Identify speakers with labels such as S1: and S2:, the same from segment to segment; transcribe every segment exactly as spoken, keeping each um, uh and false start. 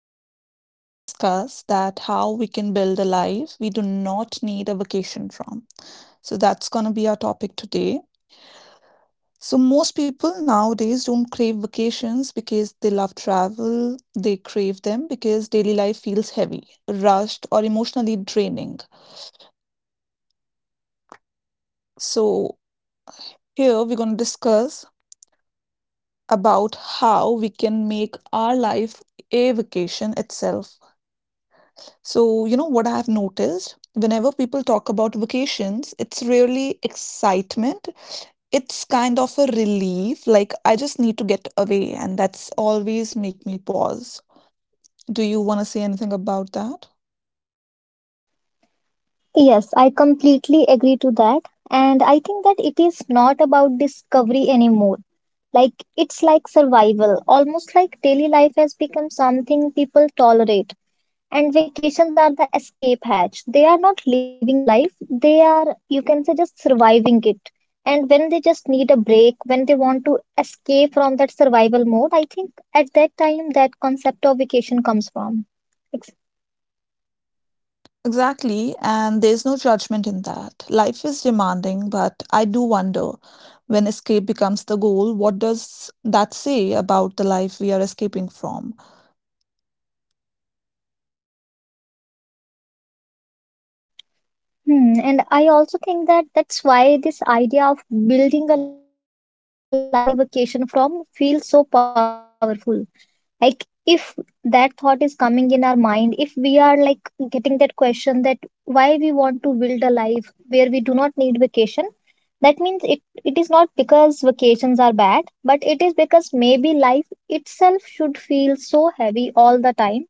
S1: so today we're going to discuss that how we can build a life we do not need a vacation from. So that's going to be our topic today. So most people nowadays don't crave vacations because they love travel. They crave them because daily life feels heavy, rushed, or emotionally draining. So here we're going to discuss about how we can make our life a vacation itself. So, you know what I've noticed? Whenever people talk about vacations, it's really excitement. It's kind of a relief, like I just need to get away, and that's always make me pause. Do you want to say anything about that?
S2: Yes, I completely agree to that. And I think that it is not about discovery anymore. Like, it's like survival. Almost like daily life has become something people tolerate. And vacations are the escape hatch. They are not living the life, they are, you can say, just surviving it. And when they just need a break, when they want to escape from that survival mode, I think at that time that concept of vacation comes from.
S1: Exactly, and there's no judgment in that. Life is demanding, but I do wonder when escape becomes the goal, what does that say about the life we are escaping from?
S2: Hmm, and I also think that that's why this idea of building a life you do not need a vacation from feels so powerful. Like, if that thought is coming in our mind, if we are like getting that question that why we want to build a life where we do not need vacation, that means it, it is not because vacations are bad, but it is because maybe life itself should feel so heavy all the time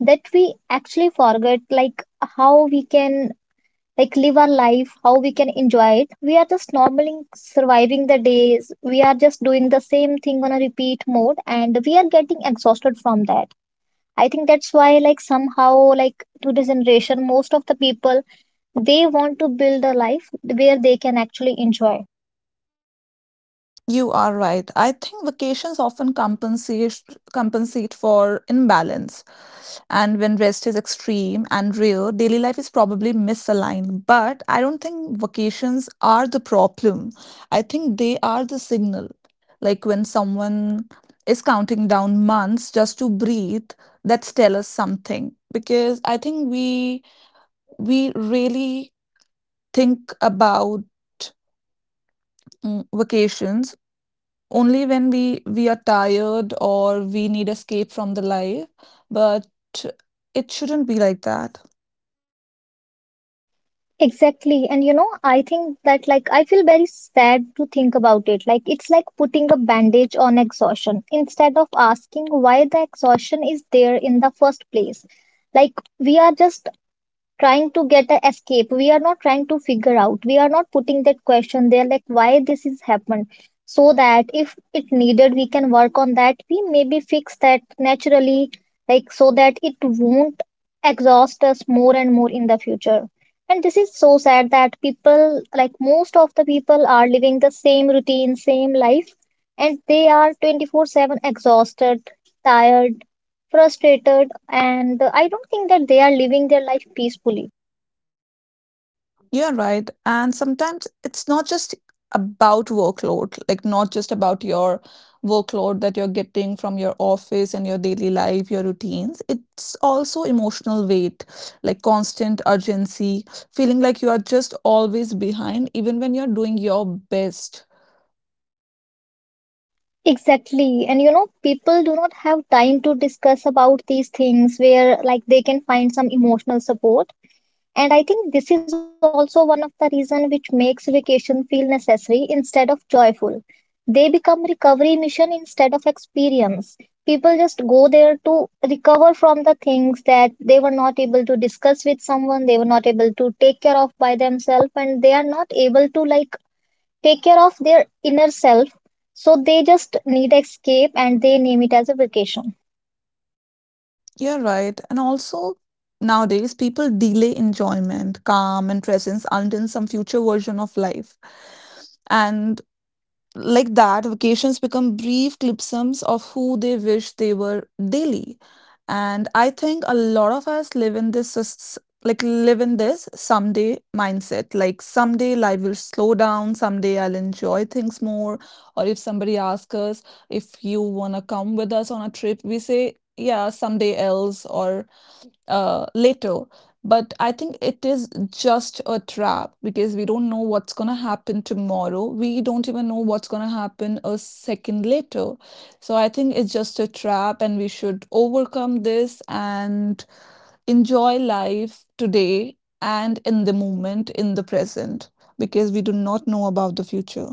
S2: that we actually forget like how we can like live our life, how we can enjoy it. We are just normally surviving the days. We are just doing the same thing on a repeat mode and we are getting exhausted from that. I think that's why like somehow like today's generation, most of the people they want to build a life where they can actually enjoy.
S1: You are right. I think vacations often compensate compensate for imbalance. And when rest is extreme and rare, daily life is probably misaligned. But I don't think vacations are the problem. I think they are the signal. Like when someone is counting down months just to breathe, that's tell us something. Because I think we we really think about mm, vacations only when we we are tired or we need escape from the life, but it shouldn't be like that.
S2: Exactly. And you know, I think that like I feel very sad to think about it. Like it's like putting a bandage on exhaustion instead of asking why the exhaustion is there in the first place. Like, we are just trying to get an escape, we are not trying to figure out, we are not putting that question there like why this is happened, so that if it needed we can work on that, we maybe fix that naturally, like so that it won't exhaust us more and more in the future. And this is so sad that people, like most of the people, are living the same routine same life, and they are twenty-four seven exhausted, tired, frustrated. And I don't think that they are living their life peacefully.
S1: Yeah, right, and sometimes it's not just about workload, like not just about your workload that you're getting from your office and your daily life, your routines. It's also emotional weight, like constant urgency, feeling like you are just always behind even when you're doing your best.
S2: Exactly. And you know, people do not have time to discuss about these things where like they can find some emotional support. And I think this is also one of the reason which makes vacation feel necessary instead of joyful. They become recovery mission instead of experience. People just go there to recover from the things that they were not able to discuss with someone, they were not able to take care of by themselves, and they are not able to like take care of their inner self, so they just need escape and they name it as a vacation.
S1: You're right. And also, nowadays, people delay enjoyment, calm, and presence until some future version of life. And like that, vacations become brief clipsums of who they wish they were daily. And I think a lot of us live in this, s- like, live in this someday mindset. Like, someday life will slow down, someday I'll enjoy things more. Or if somebody asks us if you want to come with us on a trip, we say, yeah, someday else. Or uh, later. But I think it is just a trap because we don't know what's going to happen tomorrow. We don't even know what's going to happen a second later. So I think it's just a trap, and we should overcome this and enjoy life today and in the moment, in the present, because we do not know about the future.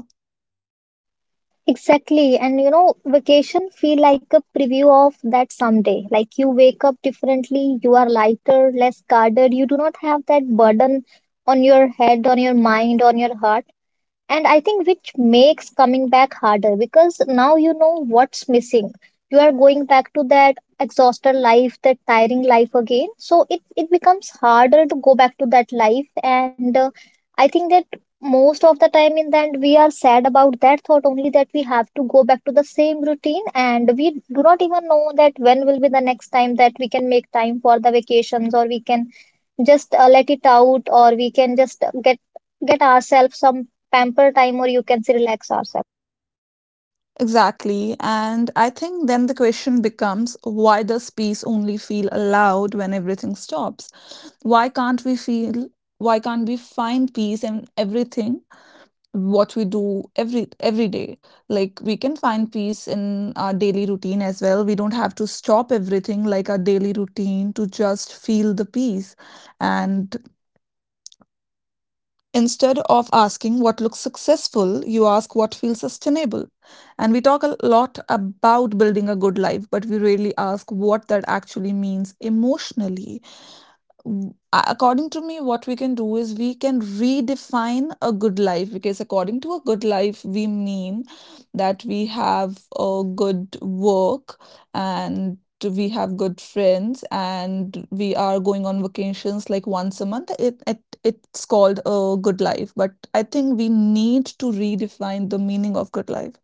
S2: Exactly. And you know vacation feel like a preview of that someday. Like, you wake up differently, you are lighter, less guarded, you do not have that burden on your head, on your mind, on your heart. And I think which makes coming back harder because now you know what's missing. You are going back to that exhausted life, that tiring life again. So it, it becomes harder to go back to that life. And uh, I think that most of the time in the end, we are sad about that thought only that we have to go back to the same routine. And we do not even know that when will be the next time that we can make time for the vacations, or we can just uh, let it out, or we can just uh, get get ourselves some pamper time, or you can say relax ourselves.
S1: Exactly. And I think then the question becomes, why does peace only feel allowed when everything stops? Why can't we feel why can't we find peace in everything what we do every every day? Like we can find peace in our daily routine as well. We don't have to stop everything like our daily routine to just feel the peace. And instead of asking what looks successful, you ask what feels sustainable. And we talk a lot about building a good life, but we rarely ask what that actually means emotionally. W- a- according to me, what we can do is we can redefine a good life, because according to a good life we mean that we have a good work, and we have good friends, and we are going on vacations like once a month, it, it it's called a good life. But I think we need to redefine the meaning of good life.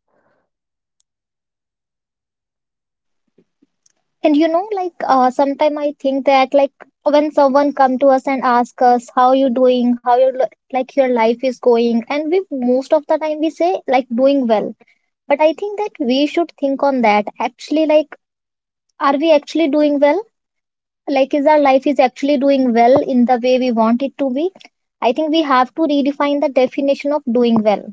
S2: And you know like uh, sometime I think that like when someone come to us and ask us how you doing, how your li- like your life is going, and we most of the time we say like doing well. But I think that we should think on that actually, like are we actually doing well, like is our life is actually doing well in the way we want it to be. I think we have to redefine the definition of doing well.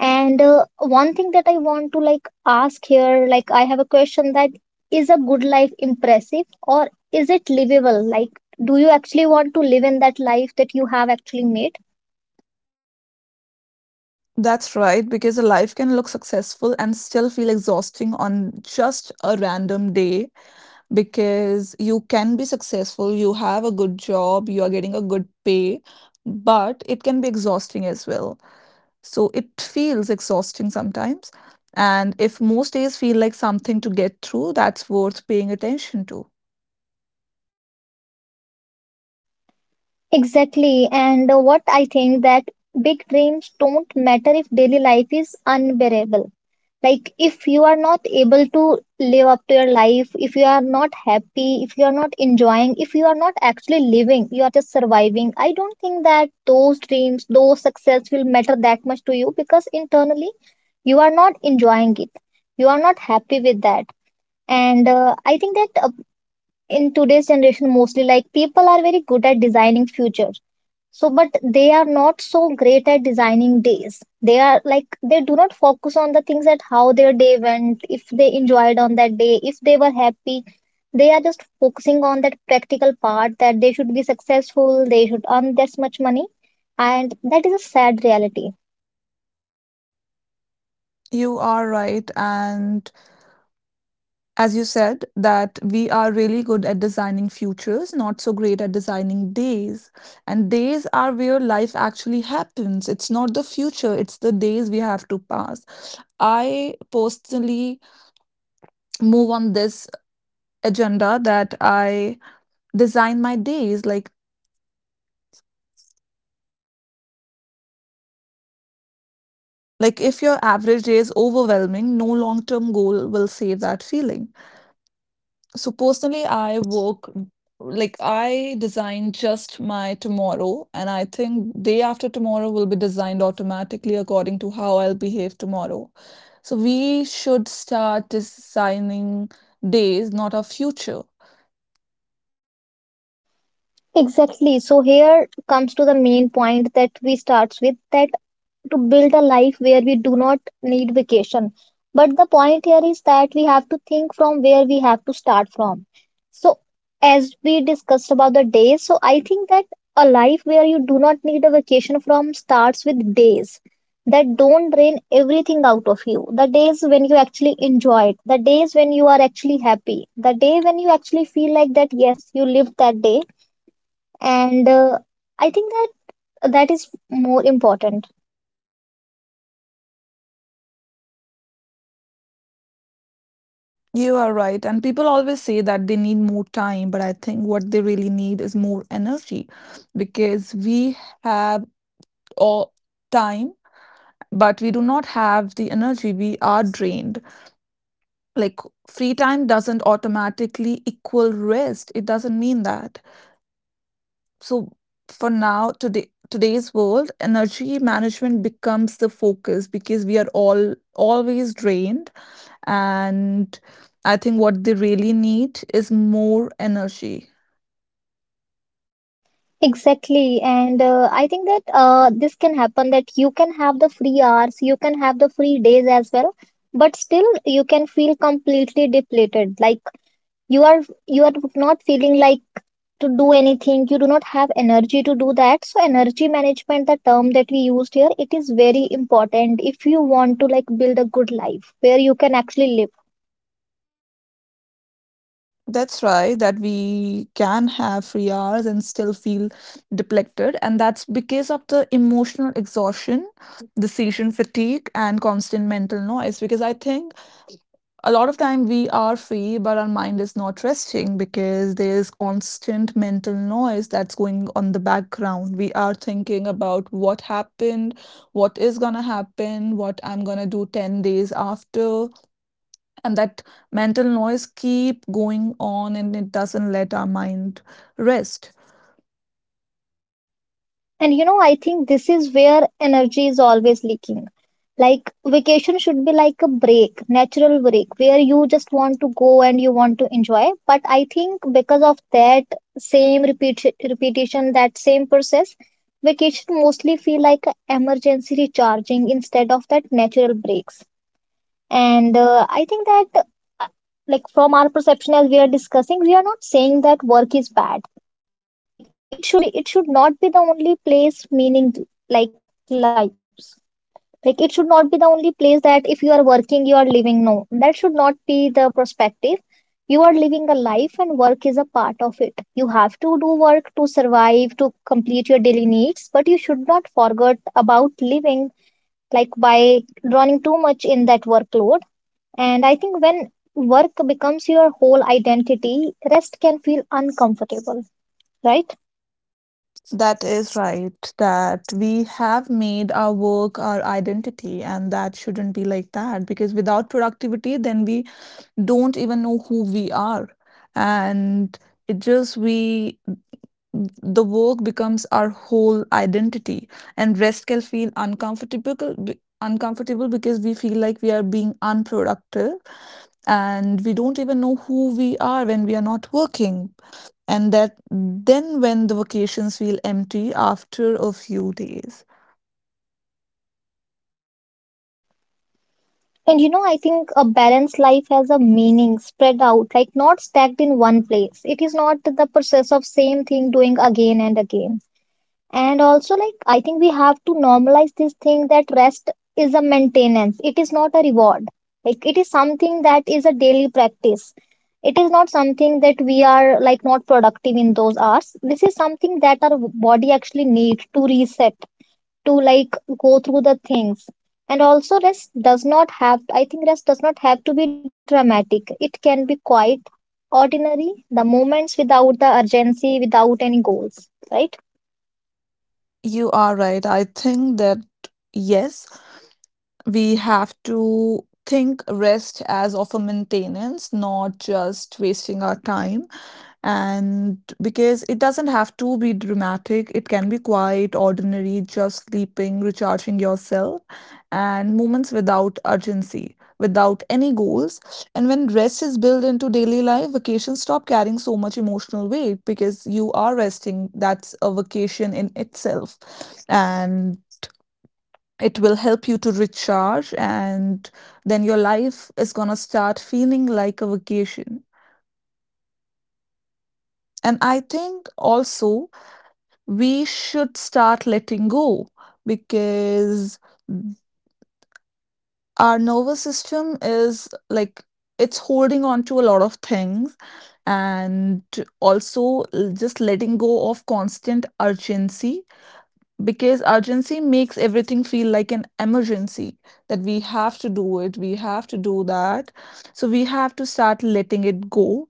S2: And uh, one thing that I want to like ask here, like I have a question that is a good life impressive or is it livable? Like, do you actually want to live in that life that you have actually made?
S1: That's right, because a life can look successful and still feel exhausting on just a random day, because you can be successful, you have a good job, you are getting a good pay, but it can be exhausting as well. So it feels exhausting sometimes. And if most days feel like something to get through, that's worth paying attention to.
S2: Exactly. And uh, what I think that big dreams don't matter if daily life is unbearable. Like, if you are not able to live up to your life, if you are not happy, if you are not enjoying, if you are not actually living, you are just surviving, I don't think that those dreams, those success will matter that much to you, because internally you are not enjoying it, you are not happy with that. And uh, I think that uh, in today's generation mostly like people are very good at designing future. So, but they are not so great at designing days. They are like, they do not focus on the things that how their day went, if they enjoyed on that day, if they were happy. They are just focusing on that practical part that they should be successful, they should earn this much money. And that is a sad reality.
S1: You are right. And as you said, that we are really good at designing futures, not so great at designing days. And days are where life actually happens. It's not the future, it's the days we have to pass. I personally move on this agenda that I design my days, like like if your average day is overwhelming, no long-term goal will save that feeling. So personally, I work like I design just my tomorrow, and I think day after tomorrow will be designed automatically according to how I'll behave tomorrow. So we should start designing days, not our future.
S2: Exactly. So, here comes to the main point that we starts with that to build a life where we do not need vacation. But the point here is that we have to think from where we have to start from. So, as we discussed about the days, so I think that a life where you do not need a vacation from starts with days that don't drain everything out of you. The days when you actually enjoy it, the days when you are actually happy, the day when you actually feel like that, yes, you lived that day. And uh, I think that that is more important.
S1: You are right. And people always say that they need more time, but I think what they really need is more energy, because we have all time, but we do not have the energy. We are drained. Like, free time doesn't automatically equal rest. It doesn't mean that. So for now, today today's world, energy management becomes the focus because we are all always drained, and I think what they really need is more energy.
S2: Exactly. And uh, I think that uh, this can happen that you can have the free hours, you can have the free days as well, but still you can feel completely depleted. Like, you are you are not feeling like to do anything. You do not have energy to do that. So energy management, the term that we used here, it is very important if you want to like build a good life where you can actually live.
S1: That's right, that we can have free hours and still feel depleted. And that's because of the emotional exhaustion, decision fatigue, and constant mental noise. Because I think a lot of time we are free but our mind is not resting, because there's constant mental noise that's going on the background. We are thinking about what happened, what is going to happen, what I'm going to do ten days after, and that mental noise keep going on, and it doesn't let our mind rest.
S2: And you know, I think this is where energy is always leaking. Like vacation should be like a break, natural break, where you just want to go and you want to enjoy. But I think because of that same repeat repetition, that same process, vacation mostly feel like a emergency recharging instead of that natural breaks. And uh, I think that, uh, like from our perception as we are discussing, we are not saying that work is bad, like it should be it should not be the only place meaning like lives, like it should not be the only place that if you are working you are living. No, that should not be the perspective. You are living a life and work is a part of it. You have to do work to survive, to complete your daily needs, but you should not forget about living, like by running too much in that workload. And I think when work becomes your whole identity, rest can feel uncomfortable, right?
S1: That is right, that we have made our work our identity, and that shouldn't be like that, because without productivity then we don't even know who we are. And it just we the work becomes our whole identity, and rest can feel uncomfortable, be- uncomfortable, because we feel like we are being unproductive, and we don't even know who we are when we are not working. And that, then when the vacations feel empty after a few days.
S2: And you know, I think a balanced life has a meaning spread out, like not stacked in one place. It is not the process of same thing doing again and again. And also, like, I think we have to normalize this thing that rest is a maintenance, it is not a reward. Like, it is something that is a daily practice. It is not something that we are like not productive in those hours. This is something that our body actually needs to reset, to like go through the things. And also rest does not have I think rest does not have to be dramatic, it can be quite ordinary, the moments without the urgency, without any goals, right?
S1: You are right, I think that, yes, we have to think rest as of a maintenance, not just wasting our time. And because it doesn't have to be dramatic, it can be quite ordinary, just sleeping, recharging yourself, and moments without urgency, without any goals. And when rest is built into daily life, vacations stop carrying so much emotional weight, because you are resting. That's a vacation in itself. And it will help you to recharge, and then your life is gonna start feeling like a vacation. And I think also we should start letting go, because our nervous system is like, it's holding on to a lot of things. And also, l- just letting go of constant urgency, because urgency makes everything feel like an emergency, that we have to do it, we have to do that. So we have to start letting it go,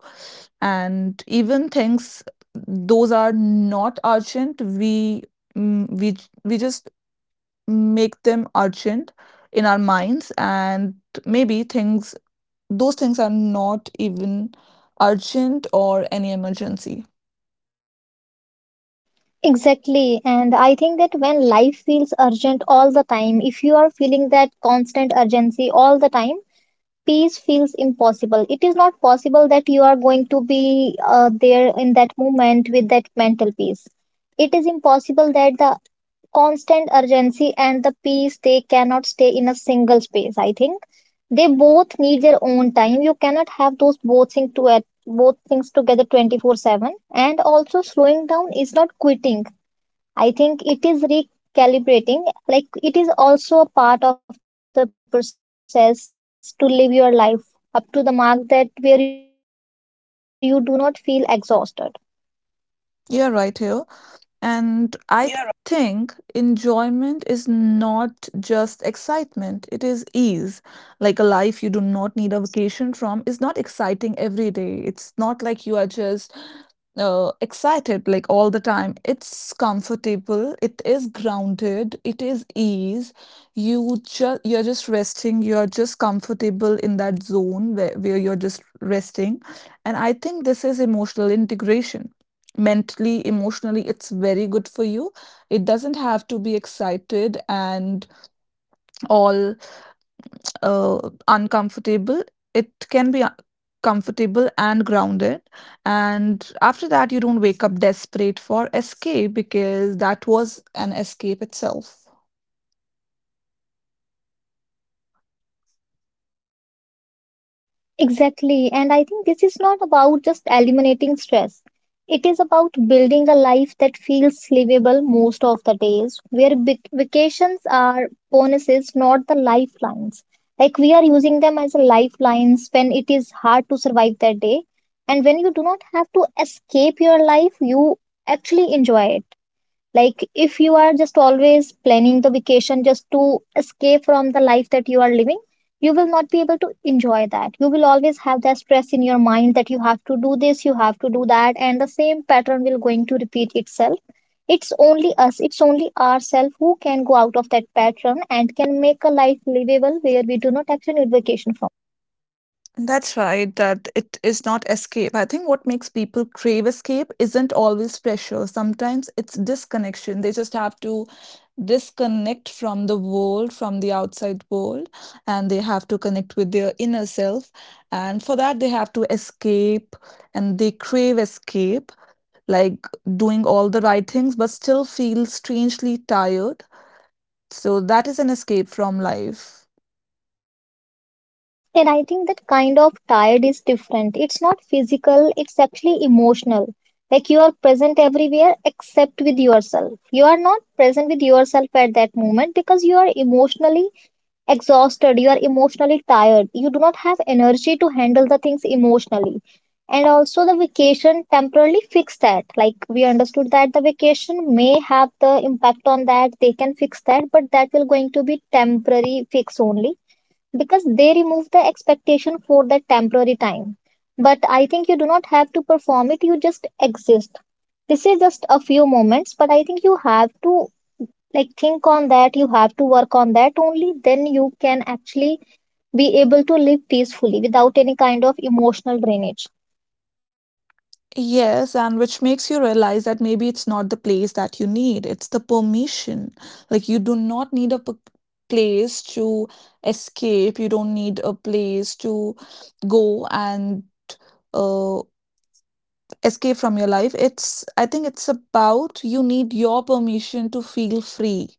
S1: and even things those are not urgent, we mm, we j- we just make them urgent in our minds. And maybe things, those things are not even urgent or any emergency.
S2: Exactly. And I think that when life feels urgent all the time, if you are feeling that constant urgency all the time, peace feels impossible. It is not possible that you are going to be uh, there in that moment with that mental peace. It is impossible that the constant urgency and the peace, they cannot stay in a single space, I think. They both need their own time. You cannot have those both things to at both things together twenty-four seven. And also slowing down is not quitting, I think it is recalibrating. Like, it is also a part of the process to live your life up to the mark that where you do not feel exhausted.
S1: You're right here. And I think enjoyment is not just excitement, it is ease. Like a life you do not need a vacation from is not exciting every day. It's not like you are just uh, excited like all the time. It's comfortable, it is grounded, it is ease. You just you're just resting, you're just comfortable in that zone where, where you're just resting. And I think this is emotional integration. Mentally, emotionally, it's very good for you. It doesn't have to be excited and all uh, uncomfortable. It can be uh, comfortable and grounded. And after that, you don't wake up desperate for escape, because that was an escape itself.
S2: Exactly. And I think this is not about just eliminating stress. It is about building a life that feels livable most of the days, where vac- vacations are bonuses, not the lifelines. Like we are using them as a lifelines when it is hard to survive that day. And when you do not have to escape your life, you actually enjoy it. Like if you are just always planning the vacation just to escape from the life that you are living, you will not be able to enjoy that. You will always have that stress in your mind that you have to do this, you have to do that, and the same pattern will going to repeat itself. It's only us, it's only ourselves who can go out of that pattern and can make a life livable where we do not actually need vacation.
S1: That's right, that it is not escape. I think what makes people crave escape isn't always pressure. Sometimes it's disconnection. They just have to disconnect from the world, from the outside world, and they have to connect with their inner self. And for that, they have to escape, and they crave escape, like doing all the right things, but still feel strangely tired. So that is an escape from life.
S2: And I think that kind of tired is different. It's not physical, it's actually emotional. Like you are present everywhere except with yourself. You are not present with yourself at that moment because you are emotionally exhausted, you are emotionally tired. You do not have energy to handle the things emotionally. And also, the vacation temporarily fixed that. Like we understood that the vacation may have the impact on that, they can fix that, but that will going to be temporary fix only because they remove the expectation for that temporary time. But I think you do not have to perform it, you just exist. This is just a few moments, but I think you have to like think on that, you have to work on that. Only then you can actually be able to live peacefully without any kind of emotional drainage.
S1: Yes, and which makes you realize that maybe it's not the place that you need, it's the permission. Like, you do not need a p- place to escape, you don't need a place to go and uh, escape from your life. It's, I think, it's about you need your permission to feel free.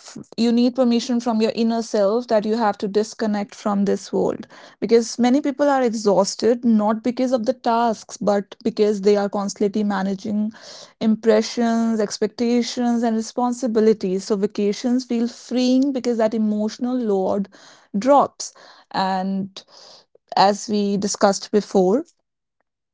S1: f- You need permission from your inner self, that you have to disconnect from this world, because many people are exhausted not because of the tasks, but because they are constantly managing impressions, expectations, and responsibilities. So vacations feel freeing because that emotional load drops. And as we discussed before,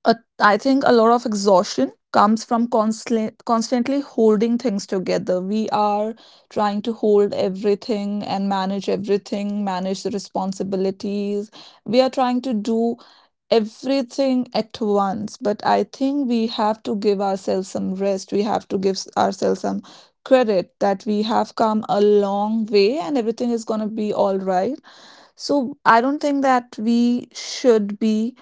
S1: uh, I think a lot of exhaustion comes from constantly constantly holding things together. We are trying to hold everything and manage everything, manage the responsibilities. We are trying to do everything at once, but I think we have to give ourselves some rest. We have to give s- ourselves some credit that we have come a long way, and everything is going to be all right. So I don't think that we should be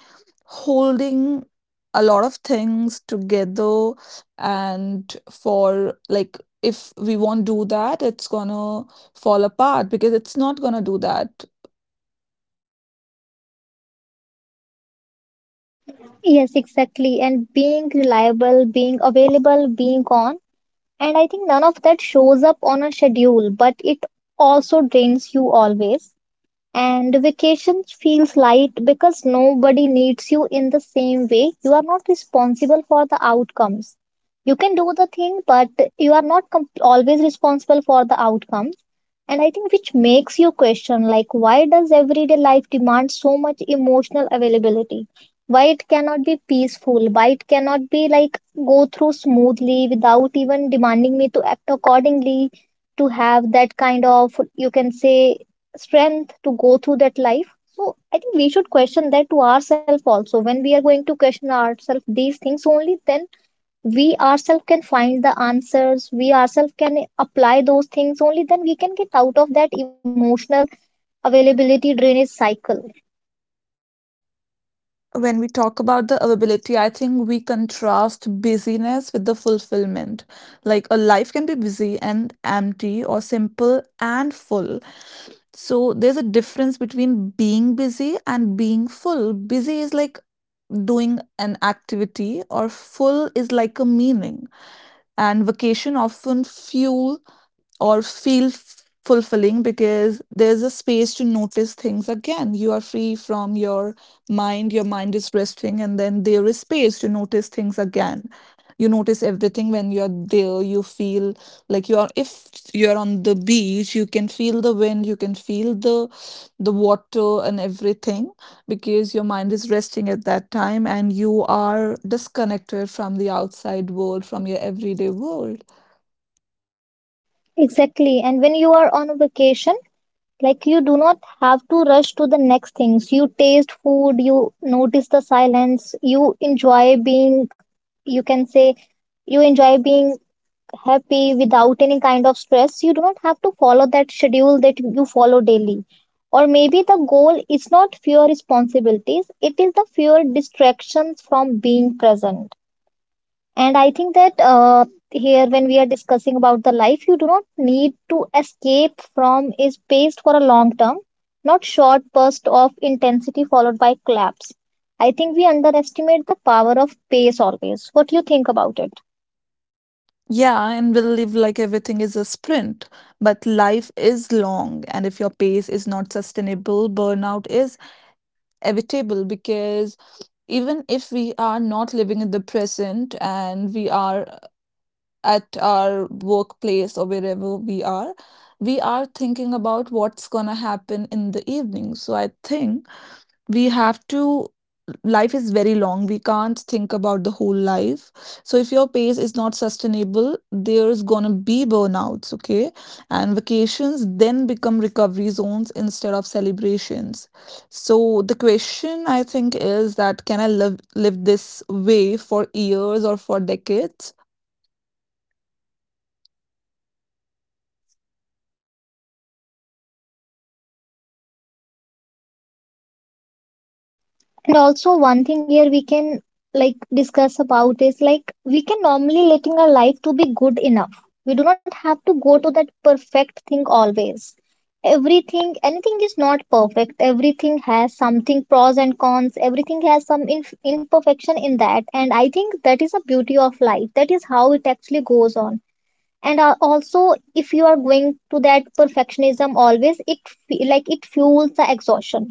S1: holding a lot of things together, and for like if we won't do that, it's gonna fall apart because it's not gonna do that.
S2: Yes, exactly. And being reliable, being available, being on. And I think none of that shows up on a schedule, but it also drains you always. And vacation feels light because nobody needs you in the same way. You are not responsible for the outcomes. You can do the thing, but you are not com- always responsible for the outcome. And I think which makes you question like why does everyday life demand so much emotional availability? Why it cannot be peaceful? Why it cannot be like go through smoothly without even demanding me to act accordingly to have that kind of, you can say, strength to go through that life. So I think we should question that to ourselves also. When we are going to question ourselves these things, only then we ourselves can find the answers, we ourselves can apply those things. Only then we can get out of that emotional availability drainage cycle.
S1: When we talk about the availability, I think we contrast busyness with the fulfillment. Like a life can be busy and empty or simple and full. So there's a difference between being busy and being full. Busy is like doing an activity or full is like a meaning. And vacation often fuel or feel f- fulfilling because there's a space to notice things again. You are free from your mind, your mind is resting, and then there is space to notice things again. You notice everything when you're there. You feel like you are, if you're on the beach, you can feel the wind, you can feel the the water and everything because your mind is resting at that time and you are disconnected from the outside world, from your everyday world.
S2: Exactly. And when you are on a vacation, like you do not have to rush to the next things. You taste food, you notice the silence, you enjoy being, you can say, you enjoy being happy without any kind of stress. You do not have to follow that schedule that you follow daily. Or maybe the goal is not fewer responsibilities, it is the fewer distractions from being present. And I think that uh, here when we are discussing about the life you do not need to escape from is paced for a long term, not short burst of intensity followed by collapse. I think we underestimate the power of pace always. What do you think about it?
S1: Yeah, and we live like everything is a sprint, but life is long, and if your pace is not sustainable, burnout is evitable because even if we are not living in the present and we are at our workplace or wherever we are, we are thinking about what's gonna happen in the evening. So I think we have to, life is very long, we can't think about the whole life. So if your pace is not sustainable, there's gonna be burnouts. Okay, and vacations then become recovery zones instead of celebrations. So the question, I think, is that can I live live this way for years or for decades?
S2: And also one thing here we can like discuss about is like we can normally letting our life to be good enough. We do not have to go to that perfect thing always. Everything, anything is not perfect. Everything has something pros and cons. Everything has some inf- imperfection in that. And I think that is a beauty of life. That is how it actually goes on. And uh, also, if you are going to that perfectionism always, it fe- like it fuels the exhaustion.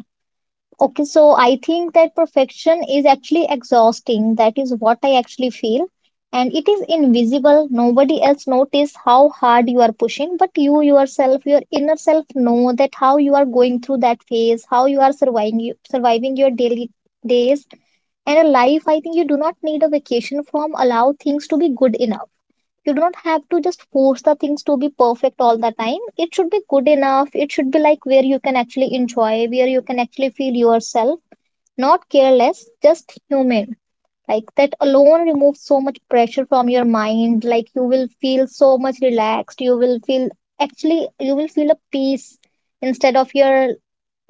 S2: Okay, so I think that perfection is actually exhausting. That is what I actually feel. And it is invisible. Nobody else notice how hard you are pushing, but you yourself, your inner self know that how you are going through that phase, how you are surviving surviving your daily days and a life. I think you do not need a vacation from allow things to be good enough. You do not have to just force the things to be perfect all the time. It should be good enough. It should be like where you can actually enjoy, where you can actually feel yourself not careless, just human. Like that alone removes so much pressure from your mind. Like you will feel so much relaxed. You will feel actually, you will feel a peace instead of your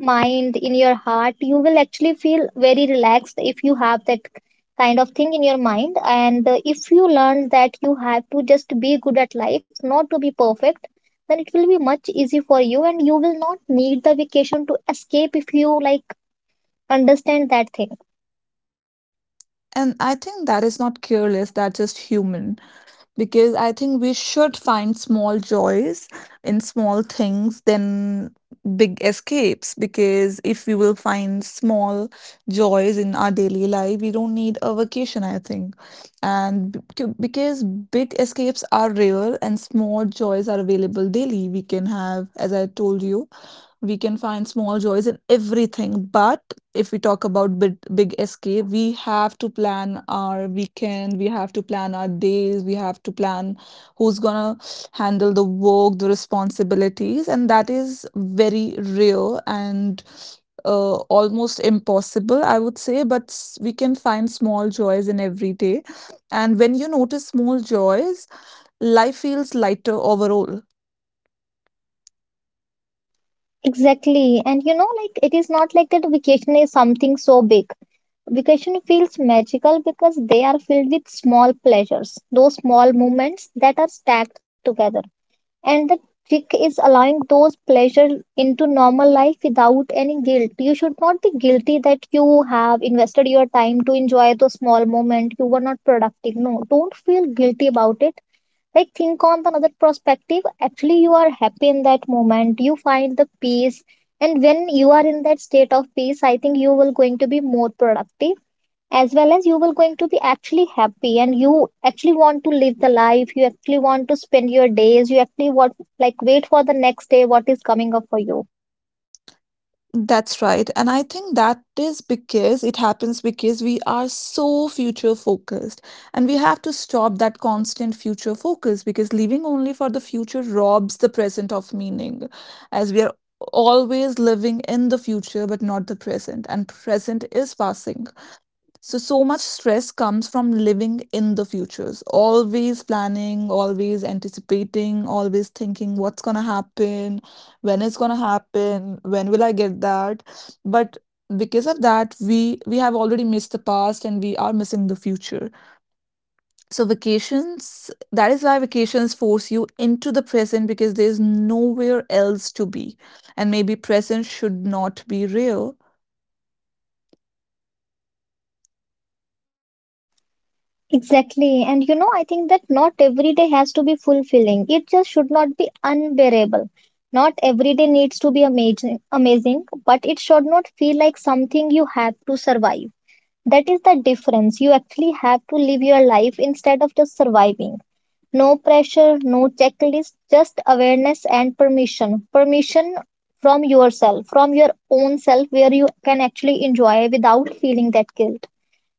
S2: mind in your heart. You will actually feel very relaxed if you have that kind of thing in your mind. And uh, if you learn that you have to just be good at life, not to be perfect, then it will be much easy for you and you will not need the vacation to escape if you like understand that thing.
S1: And I think that is not careless, that's just human. Because I think we should find small joys in small things than big escapes. Because if we will find small joys in our daily life, we don't need a vacation, I think. And b- c- because big escapes are rare and small joys are available daily, we can have, as I told you, we can find small joys in everything. But if we talk about big, big escape, we have to plan our weekend, we have to plan our days, we have to plan who's gonna handle the work, the responsibilities, and that is very rare and uh, almost impossible, I would say. But s- we can find small joys in every day, and when you notice small joys, life feels lighter overall.
S2: Exactly. And you know, like it is not like that vacation is something so big. Vacation feels magical because they are filled with small pleasures, those small moments that are stacked together. And the trick is allowing those pleasures into normal life without any guilt. You should not be guilty that you have invested your time to enjoy those small moment. You were not productive. No, don't feel guilty about it. Like think on another perspective, actually you are happy in that moment, you find the peace. And when you are in that state of peace, I think you will going to be more productive as well as you will going to be actually happy. And you actually want to live the life, you actually want to spend your days, you actually want like wait for the next day what is coming up for you.
S1: That's right. And I think that is because it happens because we are so future focused. And we have to stop that constant future focus because living only for the future robs the present of meaning, as we are always living in the future but not the present. And present is passing. So so much stress comes from living in the futures, always planning, always anticipating, always thinking what's gonna happen, when it's gonna happen, when will I get that. But because of that, we we have already missed the past and we are missing the future. So vacations, that is why vacations force you into the present because there's nowhere else to be. And maybe present should not be real
S2: Exactly. And you know, I think that not every day has to be fulfilling. It just should not be unbearable. Not every day needs to be amazing, amazing, but it should not feel like something you have to survive. That is the difference. You actually have to live your life instead of just surviving. No pressure, no checklist, just awareness and permission. Permission from yourself, from your own self, where you can actually enjoy without feeling that guilt.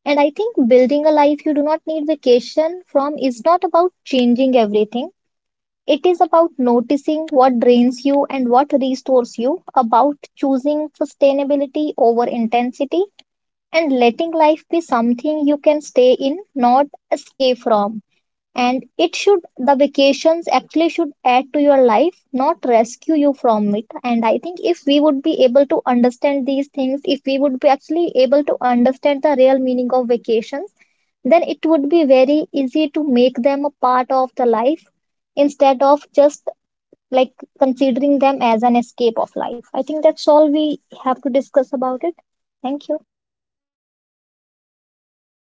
S2: And I think building a life you do not need vacation from is not about changing everything. It is about noticing what drains you and what restores you, about choosing sustainability over intensity, and letting life be something you can stay in, not escape from. And it should, the vacations actually should add to your life, not rescue you from it. And I think if we would be able to understand these things, if we would be actually able to understand the real meaning of vacations, then it would be very easy to make them a part of the life instead of just like considering them as an escape of life. I think that's all we have to discuss about it. Thank you.